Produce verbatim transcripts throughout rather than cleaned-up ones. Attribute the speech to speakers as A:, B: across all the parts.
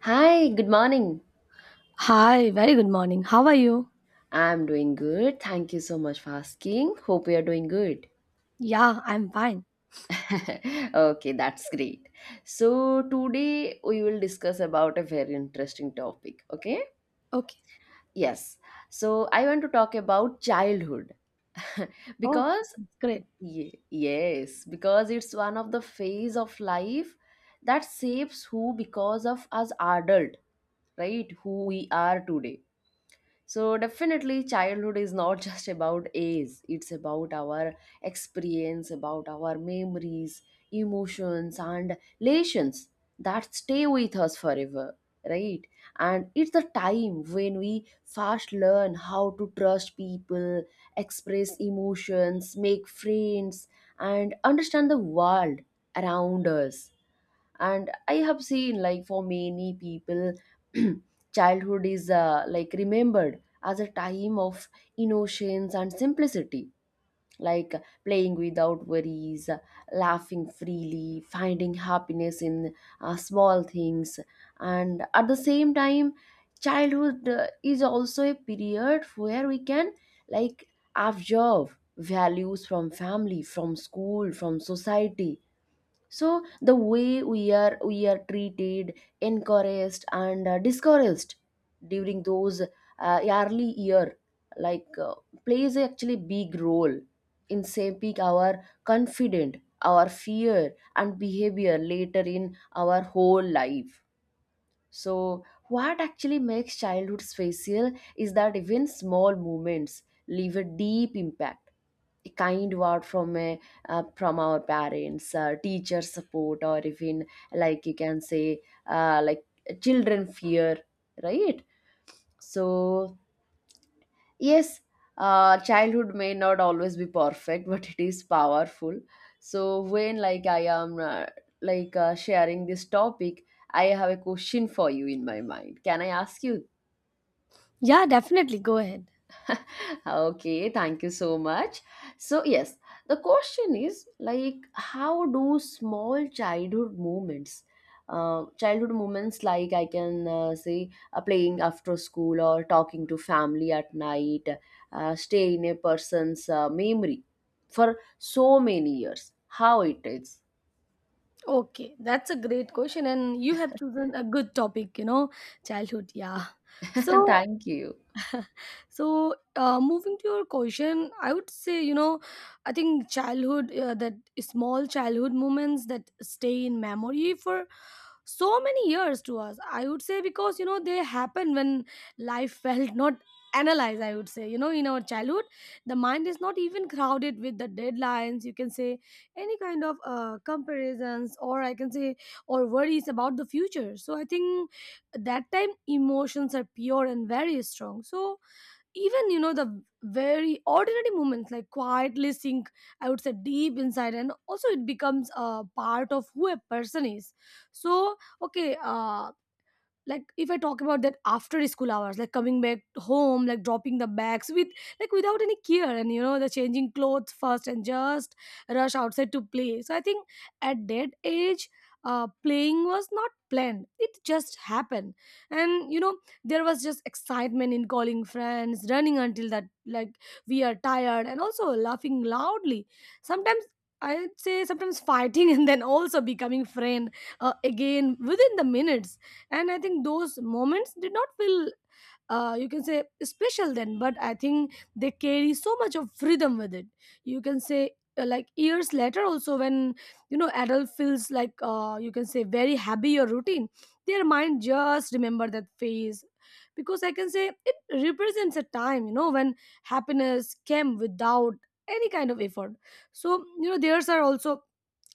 A: Hi, good morning.
B: Hi, very good morning. How are you?
A: I'm doing good. Thank you so much for asking. Hope you're doing good.
B: Yeah, I'm fine.
A: okay, that's great. So, today we will discuss about a very interesting topic, okay?
B: Okay.
A: Yes. So, I want to talk about childhood
B: Okay,
A: because
B: great.
A: ye- yes, because it's one of the phase of life that shapes who because of us adult, right? Who we are today. So definitely childhood is not just about age, it's about our experience, about our memories, emotions and relations that stay with us forever, right? And it's the time when we first learn how to trust people, express emotions, make friends and understand the world around us. And I have seen, like, for many people childhood is uh, like remembered as a time of innocence and simplicity, like playing without worries, laughing freely, finding happiness in uh, small things. And at the same time, childhood uh, is also a period where we can, like, observe values from family, from school, from society. So the way we are we are treated, encouraged and uh, discouraged during those uh, early year, like uh, plays actually big role in shaping our confident, our fear and behavior later in our whole life. So what actually makes childhood special is that even small moments leave a deep impact. A kind word from a uh, from our parents, uh, teacher support, or even, like, you can say, uh, like children fear, right? So yes, uh, childhood may not always be perfect, but it is powerful. So when, like i am uh, like uh, sharing this topic, I have a question for you in my mind. Can I ask you?
B: Yeah, definitely go ahead.
A: Okay, thank you so much. So, yes, the question is like, how do small childhood moments, uh, childhood moments, like, I can uh, say uh, playing after school or talking to family at night, uh, stay in a person's uh, memory for so many years? How it is?
B: Okay, that's a great question and you have chosen a good topic, you know, childhood, yeah. So,
A: Thank you.
B: so uh, moving to your question, I would say, you know, I think childhood uh, that small childhood moments that stay in memory for so many years to us, I would say, because you know they happen when life felt not analyzed, I would say. You know, in our childhood the mind is not even crowded with the deadlines, you can say, any kind of uh, comparisons, or I can say, or worries about the future. So I think that time emotions are pure and very strong. So even, you know, the very ordinary moments like quietly sink, I would say, deep inside, and also it becomes a part of who a person is. So, okay uh like if I talk about that after school hours, like coming back home, like dropping the bags with, like, without any care, and you know, the changing clothes first and just rush outside to play. So I think at that age, uh, playing was not planned, it just happened. And you know, there was just excitement in calling friends, running until that, like, we are tired, and also laughing loudly sometimes. I'd say sometimes fighting and then also becoming friend uh, again within the minutes. And I think those moments did not feel, uh, you can say, special then, but I think they carry so much of freedom with it, you can say. Uh, like years later also, when you know adult feels like, uh, you can say, very happy or routine, their mind just remember that phase, because I can say it represents a time, you know, when happiness came without any kind of effort. So you know theirs are also,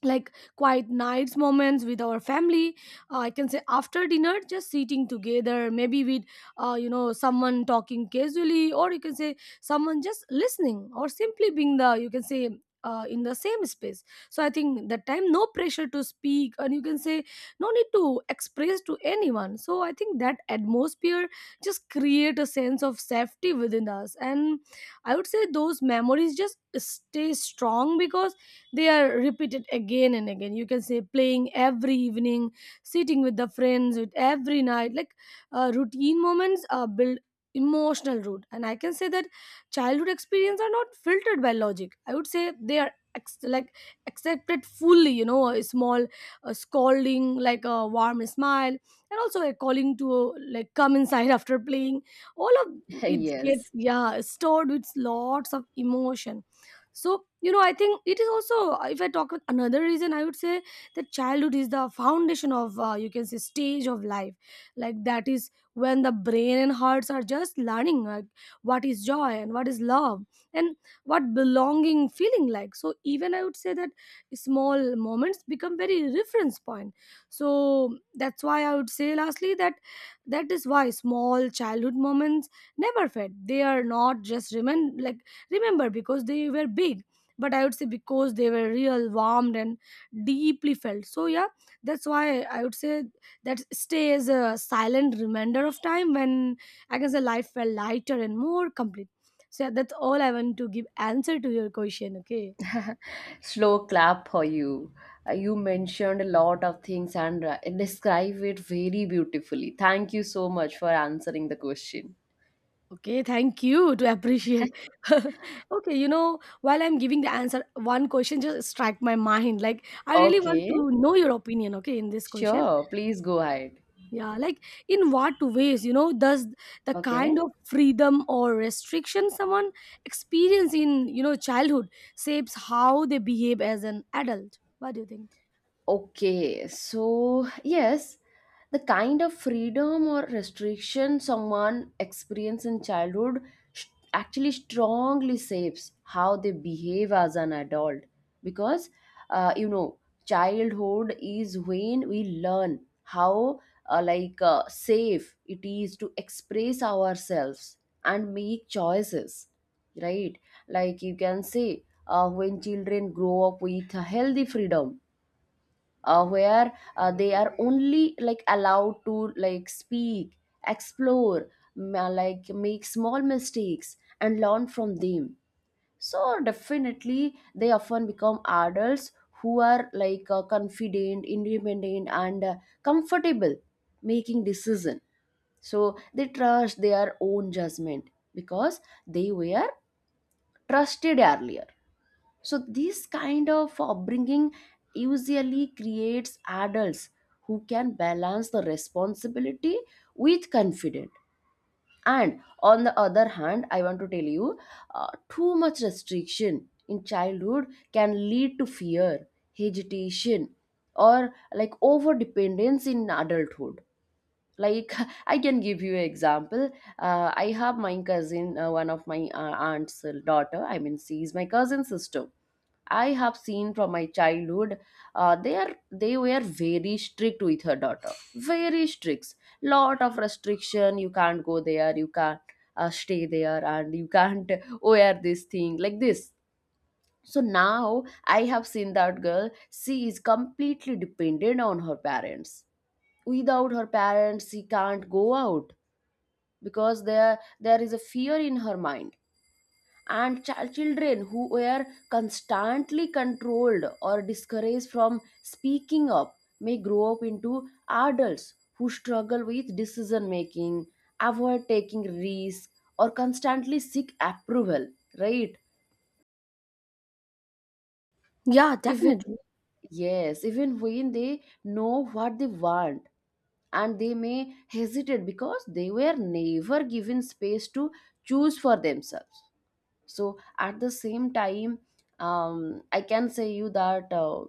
B: like, quiet nights moments with our family. uh, I can say after dinner just sitting together, maybe with, uh, you know, someone talking casually, or you can say someone just listening, or simply being the, you can say, uh, in the same space. So I think that time no pressure to speak, and you can say no need to express to anyone. So I think that atmosphere just create a sense of safety within us. And I would say those memories just stay strong because they are repeated again and again, you can say, playing every evening, sitting with the friends with every night, like, uh, routine moments uh, build emotional root. And I can say that childhood experience are not filtered by logic, I would say they are ex- like accepted fully. You know a small uh, scolding, like a warm smile, and also a calling to uh, like come inside after playing, all of it get,
A: Yes.
B: yeah, stored with lots of emotion. So you know I think it is also, if I talk with another reason, I would say that childhood is the foundation of, uh, you can say, stage of life. Like that is when the brain and hearts are just learning, like, what is joy and what is love, and what belonging feeling like. So even I would say that small moments become very reference point. So that's why I would say lastly that, that is why small childhood moments never fade. They are not just remember like remember because they were big, but I would say because they were real, warmed and deeply felt. So yeah, that's why I would say that stay is a silent reminder of time when, I can say, life felt lighter and more complete. So yeah, that's all I want to give answer to your question. Okay.
A: Slow clap for you. Uh, you mentioned a lot of things and uh, describe it very beautifully. Thank you so much for answering the question.
B: Okay, thank you to appreciate. Okay, you know, while I'm giving the answer, one question just strike my mind, like, I really want
A: Okay,
B: to know your opinion, okay, in this question.
A: sure. Please go ahead.
B: Yeah, like, in what ways, you know, does the kind
A: Okay.
B: of freedom or restriction someone experience in, you know, childhood shapes how they behave as an adult? What do you think?
A: Okay, so yes, the kind of freedom or restriction someone experiences in childhood sh- actually strongly shapes how they behave as an adult, because uh, you know, childhood is when we learn how uh, like uh, safe it is to express ourselves and make choices, right? Like, you can say, uh, when children grow up with a healthy freedom, uh, where uh, they are only, like, allowed to, like, speak, explore, m- uh, like, make small mistakes and learn from them. So definitely they often become adults who are, like, uh, confident, independent and uh, comfortable making decision. So they trust their own judgment because they were trusted earlier. So this kind of upbringing usually creates adults who can balance the responsibility with confidence. And on the other hand, I want to tell you, uh, too much restriction in childhood can lead to fear, hesitation, or like over dependence in adulthood. Like I can give you an example. Uh, I have my cousin, uh, one of my uh, aunt's daughter. I mean, she is my cousin sister. I have seen from my childhood, uh, they are they were very strict with her daughter. Very strict. Lot of restriction. You can't go there. You can't uh, stay there, and you can't wear this thing like this. So now I have seen that girl. She is completely dependent on her parents. Without her parents, she can't go out because there there is a fear in her mind. And ch- children who were constantly controlled or discouraged from speaking up may grow up into adults who struggle with decision making, avoid taking risks, or constantly seek approval, right?
B: Yeah,
A: Even,
B: definitely.
A: yes, even when they know what they want, and they may hesitate because they were never given space to choose for themselves. So at the same time, um, I can say you that uh,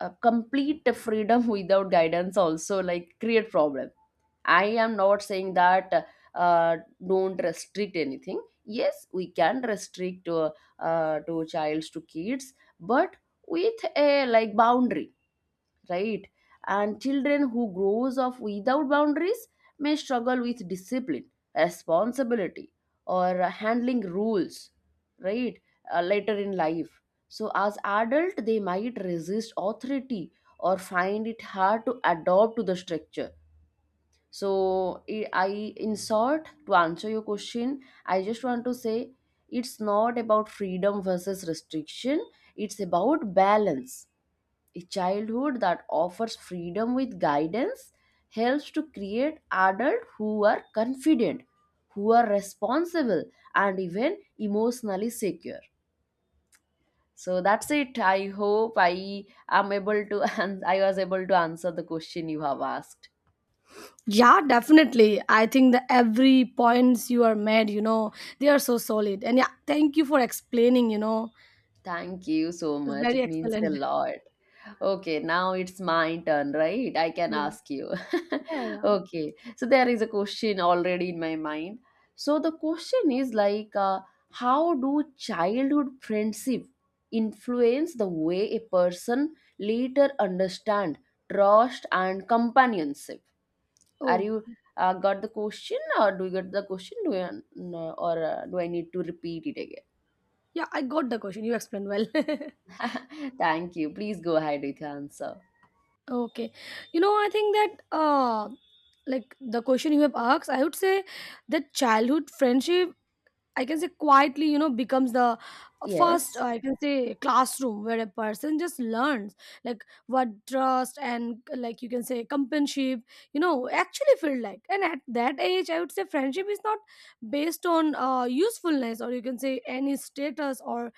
A: a complete freedom without guidance also like create problem. I am not saying that uh, don't restrict anything. Yes, we can restrict to, uh, to childs, to kids, but with a, like, boundary, right? And children who grows up without boundaries may struggle with discipline, responsibility, or uh, handling rules, right? Uh, later in life, so as adult, they might resist authority or find it hard to adopt to the structure. So i I- in short, to answer your question, I just want to say, it's not about freedom versus restriction, it's about balance. A childhood that offers freedom with guidance helps to create adults who are confident, who are responsible, and even emotionally secure. So that's it. I hope I am able to and I was able to answer the question you have asked.
B: Yeah, definitely. I think that every points you are made, you know, they are so solid. And yeah, thank you for explaining, you know.
A: Thank you so
B: It's
A: much.
B: very
A: It means a
B: excellent.
A: lot. Okay, now it's my turn, right? I can
B: Yeah.
A: ask you.
B: Yeah, yeah.
A: Okay, so there is a question already in my mind. So the question is like, uh, how do childhood friendship influence the way a person later understand trust and companionship? Are
B: Oh.
A: you uh, got the question, or do you get the question? Do you, uh, or uh, do I need to repeat it again?
B: Yeah, I got the question. You explained well.
A: Thank you. Please go ahead with your answer.
B: Okay. You know, I think that uh like the question you have asked, I would say that childhood friendship, I can say quietly, you know, becomes the, uh,
A: Yes,
B: first, I can say, classroom where a person just learns like what trust and, like, you can say companionship, you know, actually feel like. And at that age, I would say friendship is not based on uh usefulness, or you can say any status, or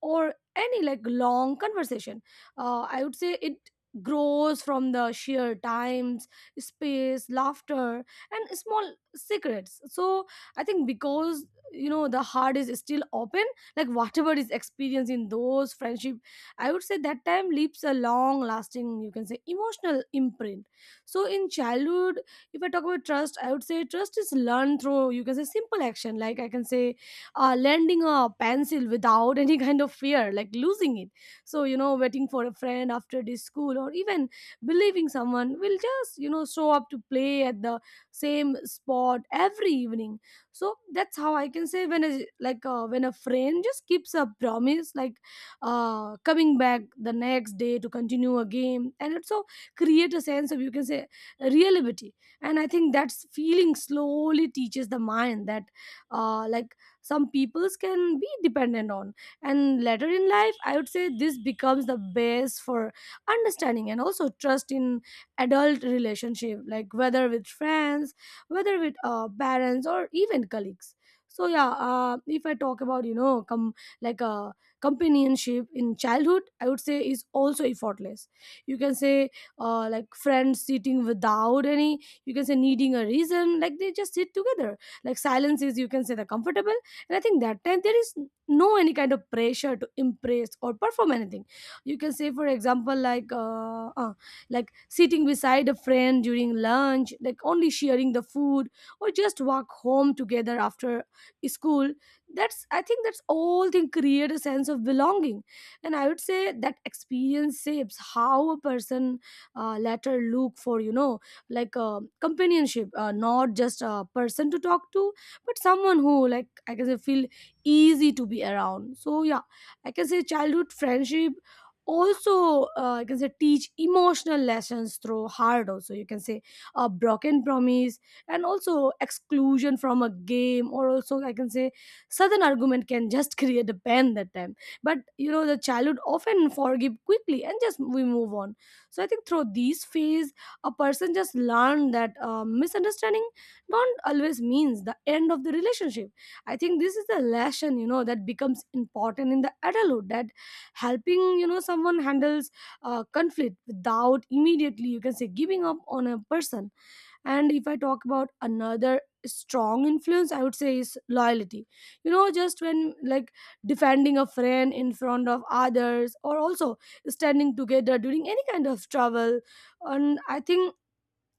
B: or any like long conversation. uh, I would say it grows from the sheer times, space, laughter, and small secrets. So I think because, you know, the heart is still open, like whatever is experienced in those friendship, I would say that time leaves a long lasting, you can say, emotional imprint. So in childhood, if I talk about trust, I would say trust is learned through, you can say, simple action, like I can say uh, lending a pencil without any kind of fear, like losing it. So, you know, waiting for a friend after this school, or even believing someone will just, you know, show up to play at the same spot every evening. So that's how I can say, when a, like uh, when a friend just keeps a promise, like uh, coming back the next day to continue a game, and also create a sense of, you can say, reliability. And I think that's feeling slowly teaches the mind that, uh, like, some peoples can be dependent on. And later in life, I would say this becomes the base for understanding and also trust in adult relationship, like whether with friends, whether with uh, parents, or even colleagues. So yeah, uh, if I talk about, you know, come like uh, companionship in childhood, I would say is also effortless, you can say. Uh, like friends sitting without any, you can say, needing a reason, like they just sit together, like silence is, you can say, the comfortable. And I think that time there is no any kind of pressure to impress or perform anything, you can say. For example, like uh, uh, like sitting beside a friend during lunch, like only sharing the food, or just walk home together after school. That's, I think that's all thing create a sense of belonging. And I would say that experience shapes how a person uh, later look for, you know, like uh, companionship, uh, not just a person to talk to, but someone who, like, I can say, feel easy to be around. So yeah, I can say childhood friendship also, uh, I can say, teach emotional lessons through hard also, you can say, a broken promise, and also exclusion from a game, or also I can say sudden argument can just create a pain that time. But you know the childhood often forgive quickly and just we move on. So I think through these phase, a person just learn that, uh, misunderstanding don't always means the end of the relationship. I think this is the lesson, you know, that becomes important in the adulthood, that helping, you know, someone handles uh, conflict without immediately, you can say, giving up on a person. And if I talk about another strong influence, I would say is loyalty. You know, just when, like, defending a friend in front of others, or also standing together during any kind of trouble. And I think,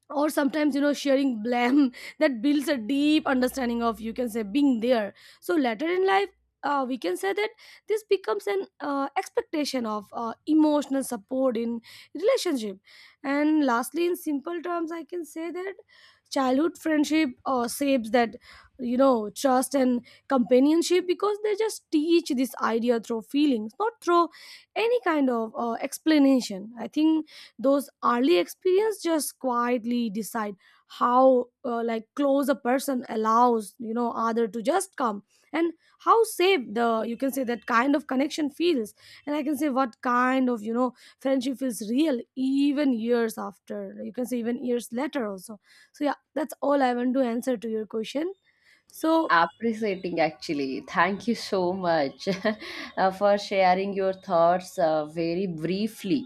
B: or sometimes, you know, sharing blame that builds a deep understanding of, you can say, being there. So later in life, uh, we can say that this becomes an uh, expectation of uh, emotional support in relationship. And lastly, in simple terms, I can say that childhood friendship uh, shapes that, you know, trust and companionship, because they just teach this idea through feelings, not through any kind of uh, explanation. I think those early experience just quietly decide how, uh, like close a person allows, you know, other to just come, and how safe the, you can say, that kind of connection feels. And I can say what kind of, you know, friendship feels real even years after, you can say, even years later also. So yeah, that's all I want to answer to your question. So,
A: appreciating actually. Thank you so much uh, for sharing your thoughts uh, very briefly.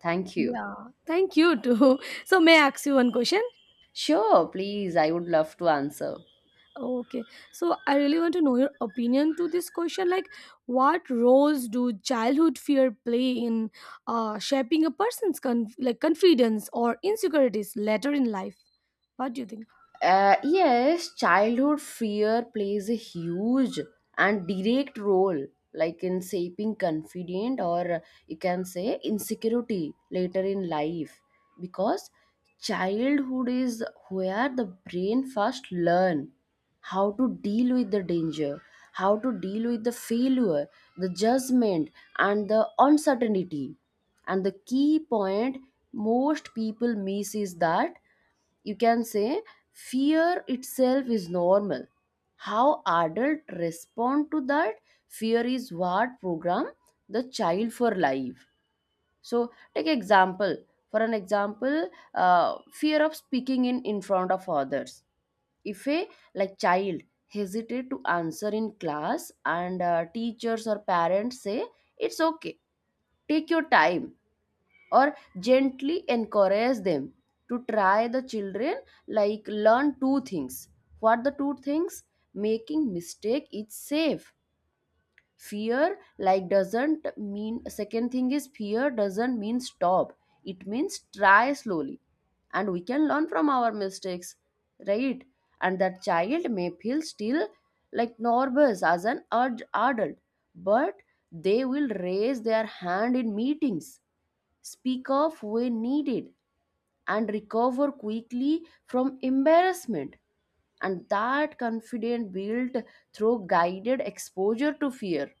A: Thank you.
B: yeah, thank you too. So may I ask you one question?
A: Sure, please. I would love to answer.
B: Okay, so I really want to know your opinion to this question. Like, what roles do childhood fear play in uh, shaping a person's conf- like confidence or insecurities later in life? What do you think?
A: Uh, yes, childhood fear plays a huge and direct role, like in shaping confidence or uh, you can say insecurity later in life, because childhood is where the brain first learn how to deal with the danger, how to deal with the failure, the judgment, and the uncertainty. And the key point most people miss is that, you can say, fear itself is normal. How adult respond to that fear is what program the child for life. So take example, for an example, uh, fear of speaking in in front of others. If a, like, child hesitate to answer in class, and uh, teachers or parents say it's okay, take your time, or gently encourage them to try, the children, like, learn two things. What the two things? Making mistake is safe. Fear, like, doesn't mean, second thing is, fear doesn't mean stop, it means try slowly, and we can learn from our mistakes, right? And that child may feel still, like, nervous as an ad- adult, but they will raise their hand in meetings, speak off when needed, and recover quickly from embarrassment. And that confidence built through guided exposure to fear.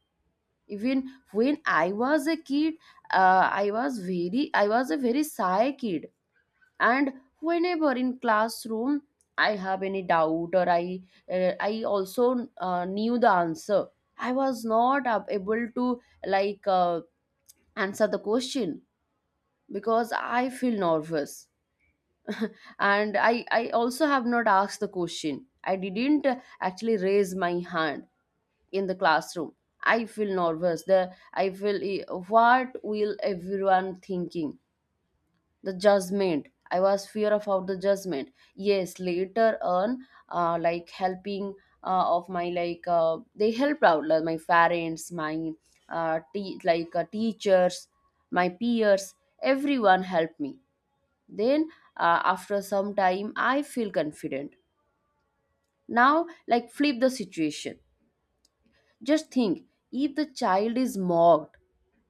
A: Even when I was a kid, uh, I was very, I was a very shy kid, and whenever in classroom I have any doubt, or I, uh, I also uh, knew the answer. I was not ab- able to like uh, answer the question because I feel nervous. And I, I also have not asked the question. I didn't uh, actually raise my hand in the classroom. I feel nervous. The I feel, eh, what will everyone thinking? The judgment. I was fear about the judgment. Yes, later on, uh, like helping uh, of my like uh, they helped out, like, my parents, my uh, te- like uh, teachers, my peers. Everyone helped me then, uh, after some time, I feel confident. Now, like, flip the situation. Just think, if the child is mocked,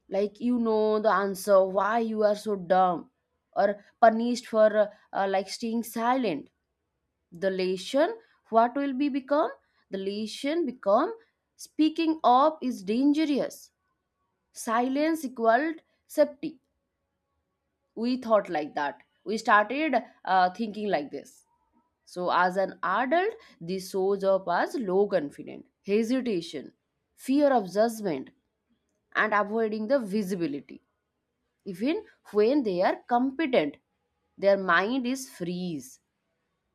A: like, you know the answer, why you are so dumb, or punished for uh, uh, like staying silent, the lesson, what will be become? The lesson become, speaking up is dangerous. Silence equaled safety. We thought like that. We started uh, thinking like this. So, as an adult, this shows up as low confidence, hesitation, fear of judgment, and avoiding the visibility. Even when they are competent, their mind is freeze.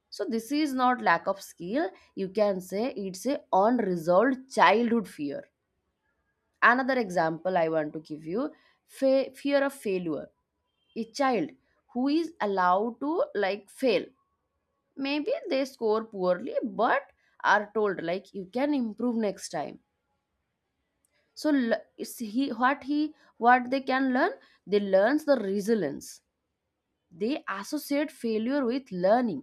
A: So, this is not lack of skill. You can say it's a unresolved childhood fear. Another example I want to give you, fe- fear of failure. A child who is allowed to, like, fail, maybe they score poorly, but are told, like, you can improve next time. So l- is he what he what they can learn, they learns the resilience, they associate failure with learning.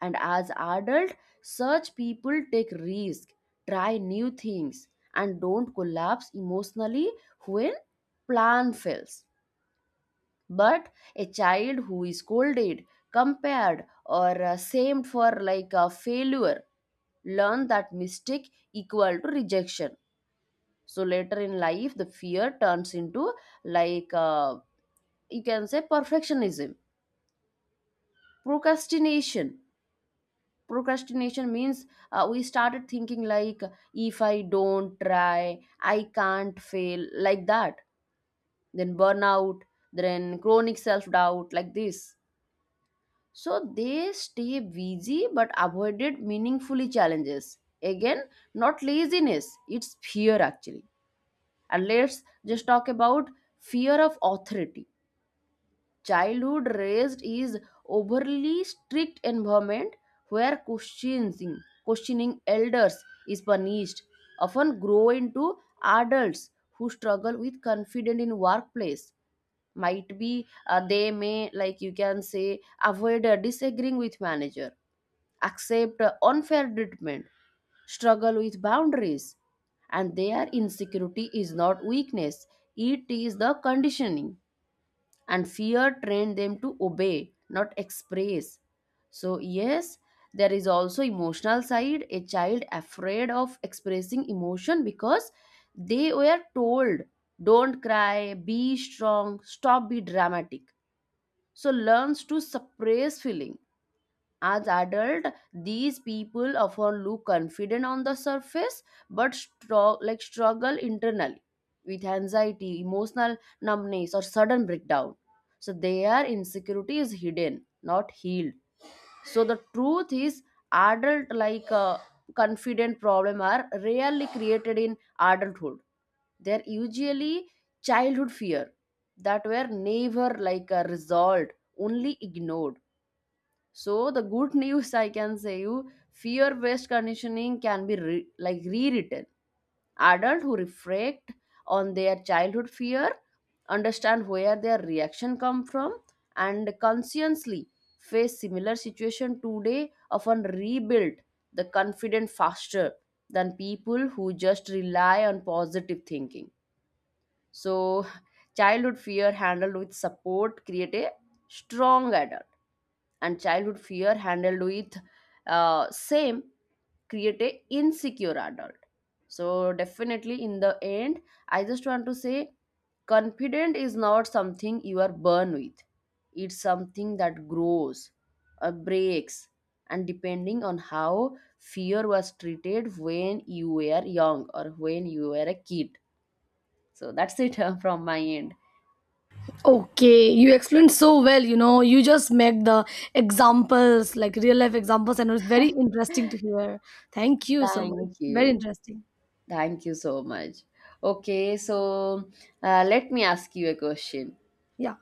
A: And as adult, such people take risk, try new things, and don't collapse emotionally when plan fails. But a child who is scolded, compared, or uh, shamed for, like, a failure, learn that mistake equal to rejection. So later in life, the fear turns into, like uh, you can say, perfectionism, procrastination. Procrastination means, uh, we started thinking like, if I don't try, I can't fail, like that, then burnout, then chronic self doubt, like this. So they stay busy but avoided meaningfully challenges. Again, not laziness, it's fear actually. And let's just talk about fear of authority. Childhood raised is overly strict environment where questioning, questioning elders is punished. Often grow into adults who struggle with confidence in workplace. Might be uh, they may like you can say avoid uh, disagreeing with manager, accept uh, unfair treatment, struggle with boundaries, and their insecurity is not weakness, it is the conditioning, and fear trained them to obey, not express. So yes, there is also emotional side, a child afraid of expressing emotion because they were told don't cry, be strong, stop be dramatic, so learns to suppress feeling. As adults, these people often look confident on the surface but stro- like struggle internally with anxiety, emotional numbness, or sudden breakdown. So their insecurity is hidden, not healed. So the truth is, adult like uh, confident problem are rarely created in adulthood. They're usually childhood fear that were never like uh, resolved, only ignored. So the good news I can say, you fear-based conditioning can be re- like rewritten. Adults who reflect on their childhood fear, understand where their reaction come from, and consciously face similar situation today often rebuild the confidence faster than people who just rely on positive thinking. So childhood fear handled with support create a strong adult, and childhood fear handled with uh, same create a insecure adult. So definitely, in the end, I just want to say confident is not something you are born with, it's something that grows or breaks, and depending on how fear was treated when you were young or when you were a kid. So that's it from my end.
B: Okay, you explained so well. You know, you just make the examples like real life examples, and it was very interesting to hear. Thank you so much.
A: Thank
B: Very
A: you.
B: interesting.
A: Thank you so much. Okay, so uh, let me ask you a question.
B: Yeah,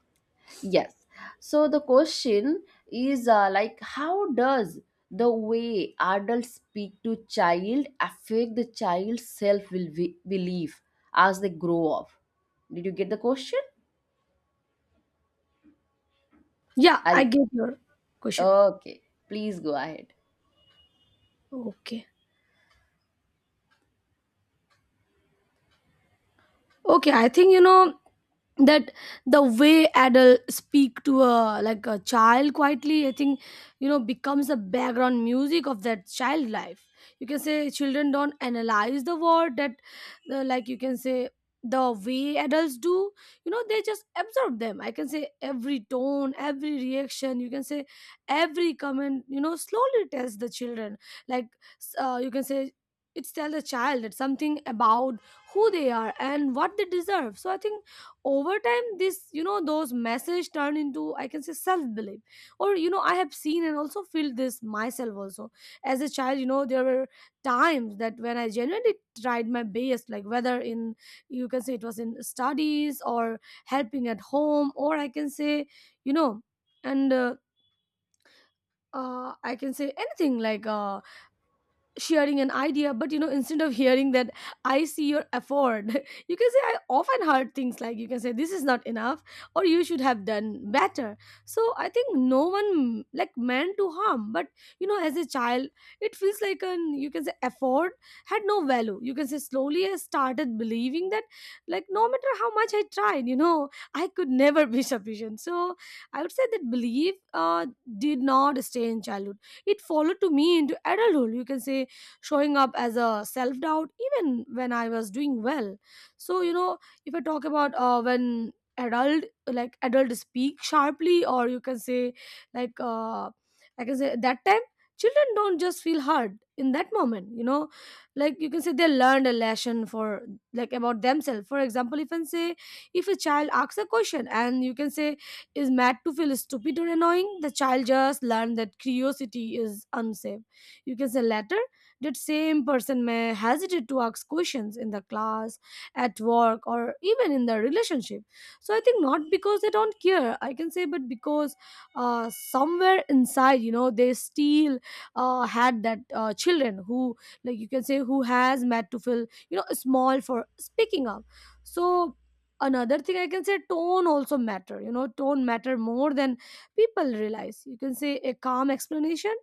A: Yes. So the question is uh, like, how does the way adults speak to child affect the child's self belief as they grow up? Did you get the question?
B: yeah,
A: Are
B: I
A: you-
B: get your question.
A: okay, please go ahead.
B: Okay. okay I think, you know, that the way adult speak to a like a child quietly, I think, you know, becomes the background music of that child life. You can say children don't analyze the word that uh, like, you can say, the way adults do, you know. They just absorb them, I can say. Every tone, every reaction, you can say every comment, you know, slowly tells the children, like s- uh, you can say, it's tell the child that something about who they are and what they deserve. So I think over time this, you know, those message turn into, I can say, self belief. Or, you know, I have seen and also feel this myself also. As a child, you know, there were times that when I genuinely tried my best, like whether in, you can say, it was in studies or helping at home, or I can say, you know, and uh, uh, I can say anything, like, uh, sharing an idea. But you know, instead of hearing that I see your effort you can say, I often heard things like, you can say, this is not enough, or you should have done better. So I think no one like meant to harm, but you know, as a child, it feels like an, you can say, effort had no value. You can say slowly I started believing that, like no matter how much I tried, you know, I could never be sufficient. So I would say that belief uh, did not stay in childhood. It followed to me into adulthood, you can say, showing up as a self doubt even when I was doing well. So you know, if I talk about uh, when adult like adult speak sharply, or you can say, like uh, I can say, that time children don't just feel hurt in that moment. You know, like you can say they learned a lesson for like about themselves. For example, if I say if a child asks a question and you can say is mad to feel stupid or annoying, the child just learned that curiosity is unsafe. You can say later that same person may hesitate to ask questions in the class, at work, or even in their relationship. So I think not because they don't care, I can say, but because uh, somewhere inside, you know, they still uh, had that uh, children who, like you can say, who has made to feel, you know, small for speaking up. So another thing I can say, tone also matter, you know, tone matter more than people realize. You can say a calm explanation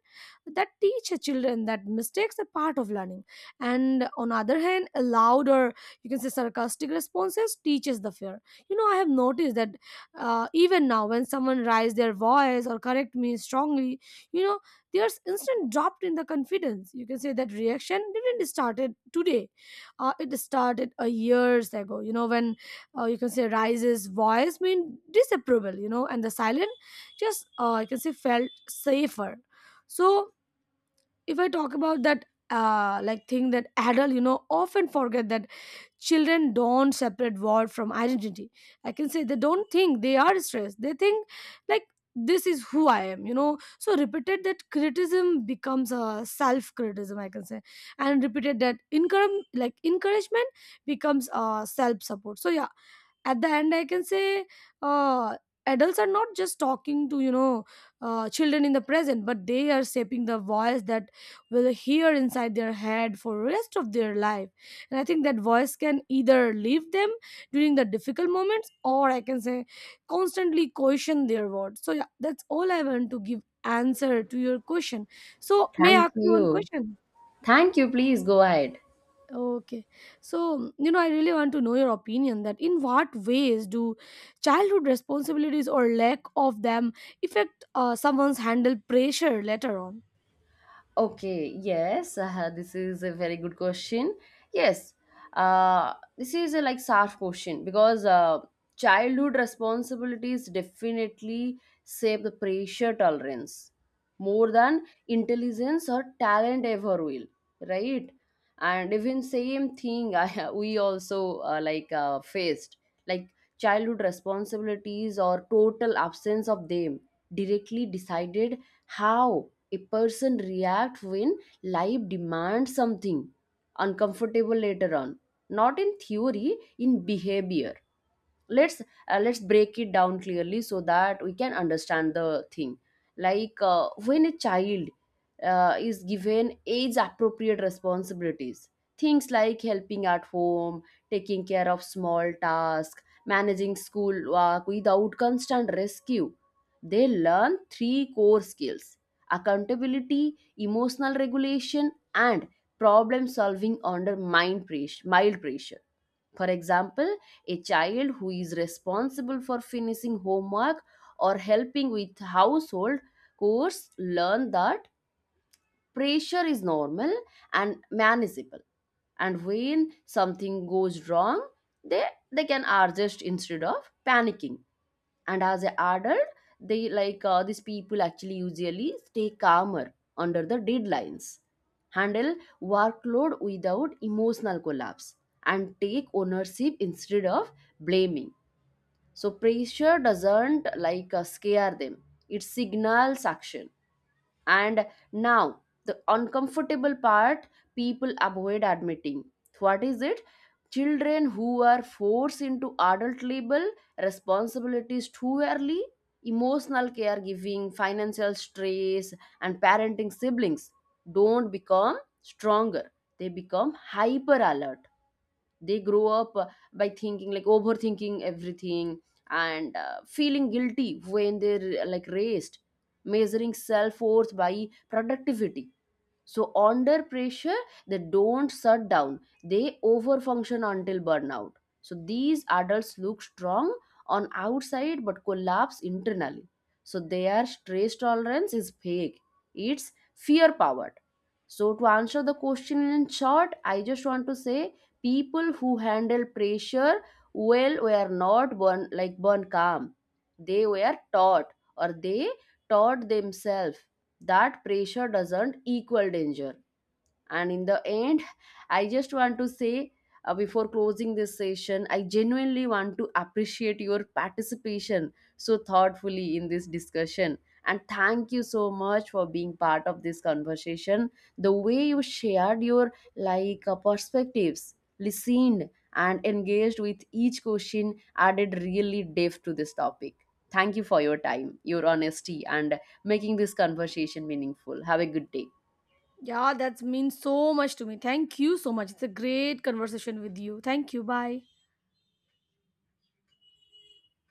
B: that teach children that mistakes are part of learning, and on the other hand, a loud or, you can say, sarcastic responses teaches the fear. You know, I have noticed that uh, even now when someone raise their voice or correct me strongly, you know, there's instant drop in the confidence. You can say that reaction didn't started today. Uh, it started a years ago, you know, when uh, you can say rises voice mean disapproval, you know, and the silent just, uh, you can say, felt safer. So if I talk about that uh like thing that adult, you know, often forget that children don't separate work from identity. I can say they don't think they are stressed, they think, like, this is who I am, you know. So repeated that criticism becomes a self criticism, I can say, and repeated that encourage like encouragement becomes a self support. So yeah, at the end I can say, uh, adults are not just talking to, you know, uh, children in the present, but they are shaping the voice that will hear inside their head for rest of their life. And I think that voice can either leave them during the difficult moments, or I can say constantly question their words. So yeah, that's all I want to give answer to your question. So may I
A: Thank
B: ask you one
A: you.
B: question?
A: Thank you. Please go ahead.
B: Okay, so you know, I really want to know your opinion that in what ways do childhood responsibilities or lack of them affect uh, someone's handle pressure later on?
A: Okay, yes, uh, this is a very good question. Yes, uh, this is a like soft question because uh, childhood responsibilities definitely save the pressure tolerance more than intelligence or talent ever will, right? And even same thing I, we also uh, like uh, faced, like childhood responsibilities or total absence of them directly decided how a person react when life demands something uncomfortable later on, not in theory, in behavior. let's uh, let's break it down clearly so that we can understand the thing. Like uh, when a child uh, is given age appropriate responsibilities, things like helping at home, taking care of small tasks, managing school work without constant rescue, they learn three core skills: accountability, emotional regulation, and problem solving under mind pressure, mild pressure. For example, a child who is responsible for finishing homework or helping with household chores learn that pressure is normal and manageable. And when something goes wrong, they, they can adjust instead of panicking. And as an adult, they like uh, these people actually usually stay calmer under the deadlines, handle workload without emotional collapse, and take ownership instead of blaming. So pressure doesn't like uh, scare them, it signals action. And now, the uncomfortable part people avoid admitting. What is it? Children who are forced into adult labor responsibilities too early, emotional caregiving, financial stress, and parenting siblings don't become stronger, they become hyper alert. They grow up uh, by thinking like overthinking everything and uh, feeling guilty when they're uh, like raised, measuring self-worth by productivity. So under pressure they don't shut down, they overfunction until burnout. So these adults look strong on outside but collapse internally. So their stress tolerance is fake, it's fear powered. So to answer the question in short, I just want to say people who handle pressure well were not born like born calm, they were taught, or they taught themselves that pressure doesn't equal danger. And in the end, I just want to say, uh, before closing this session I genuinely want to appreciate your participation so thoughtfully in this discussion, and thank you so much for being part of this conversation. The way you shared your like uh, perspectives, listened, and engaged with each question added really depth to this topic. Thank you for your time, your honesty, and making this conversation meaningful. Have a good day.
B: Yeah, that means so much to me. Thank you so much. It's a great conversation with you. Thank you. Bye.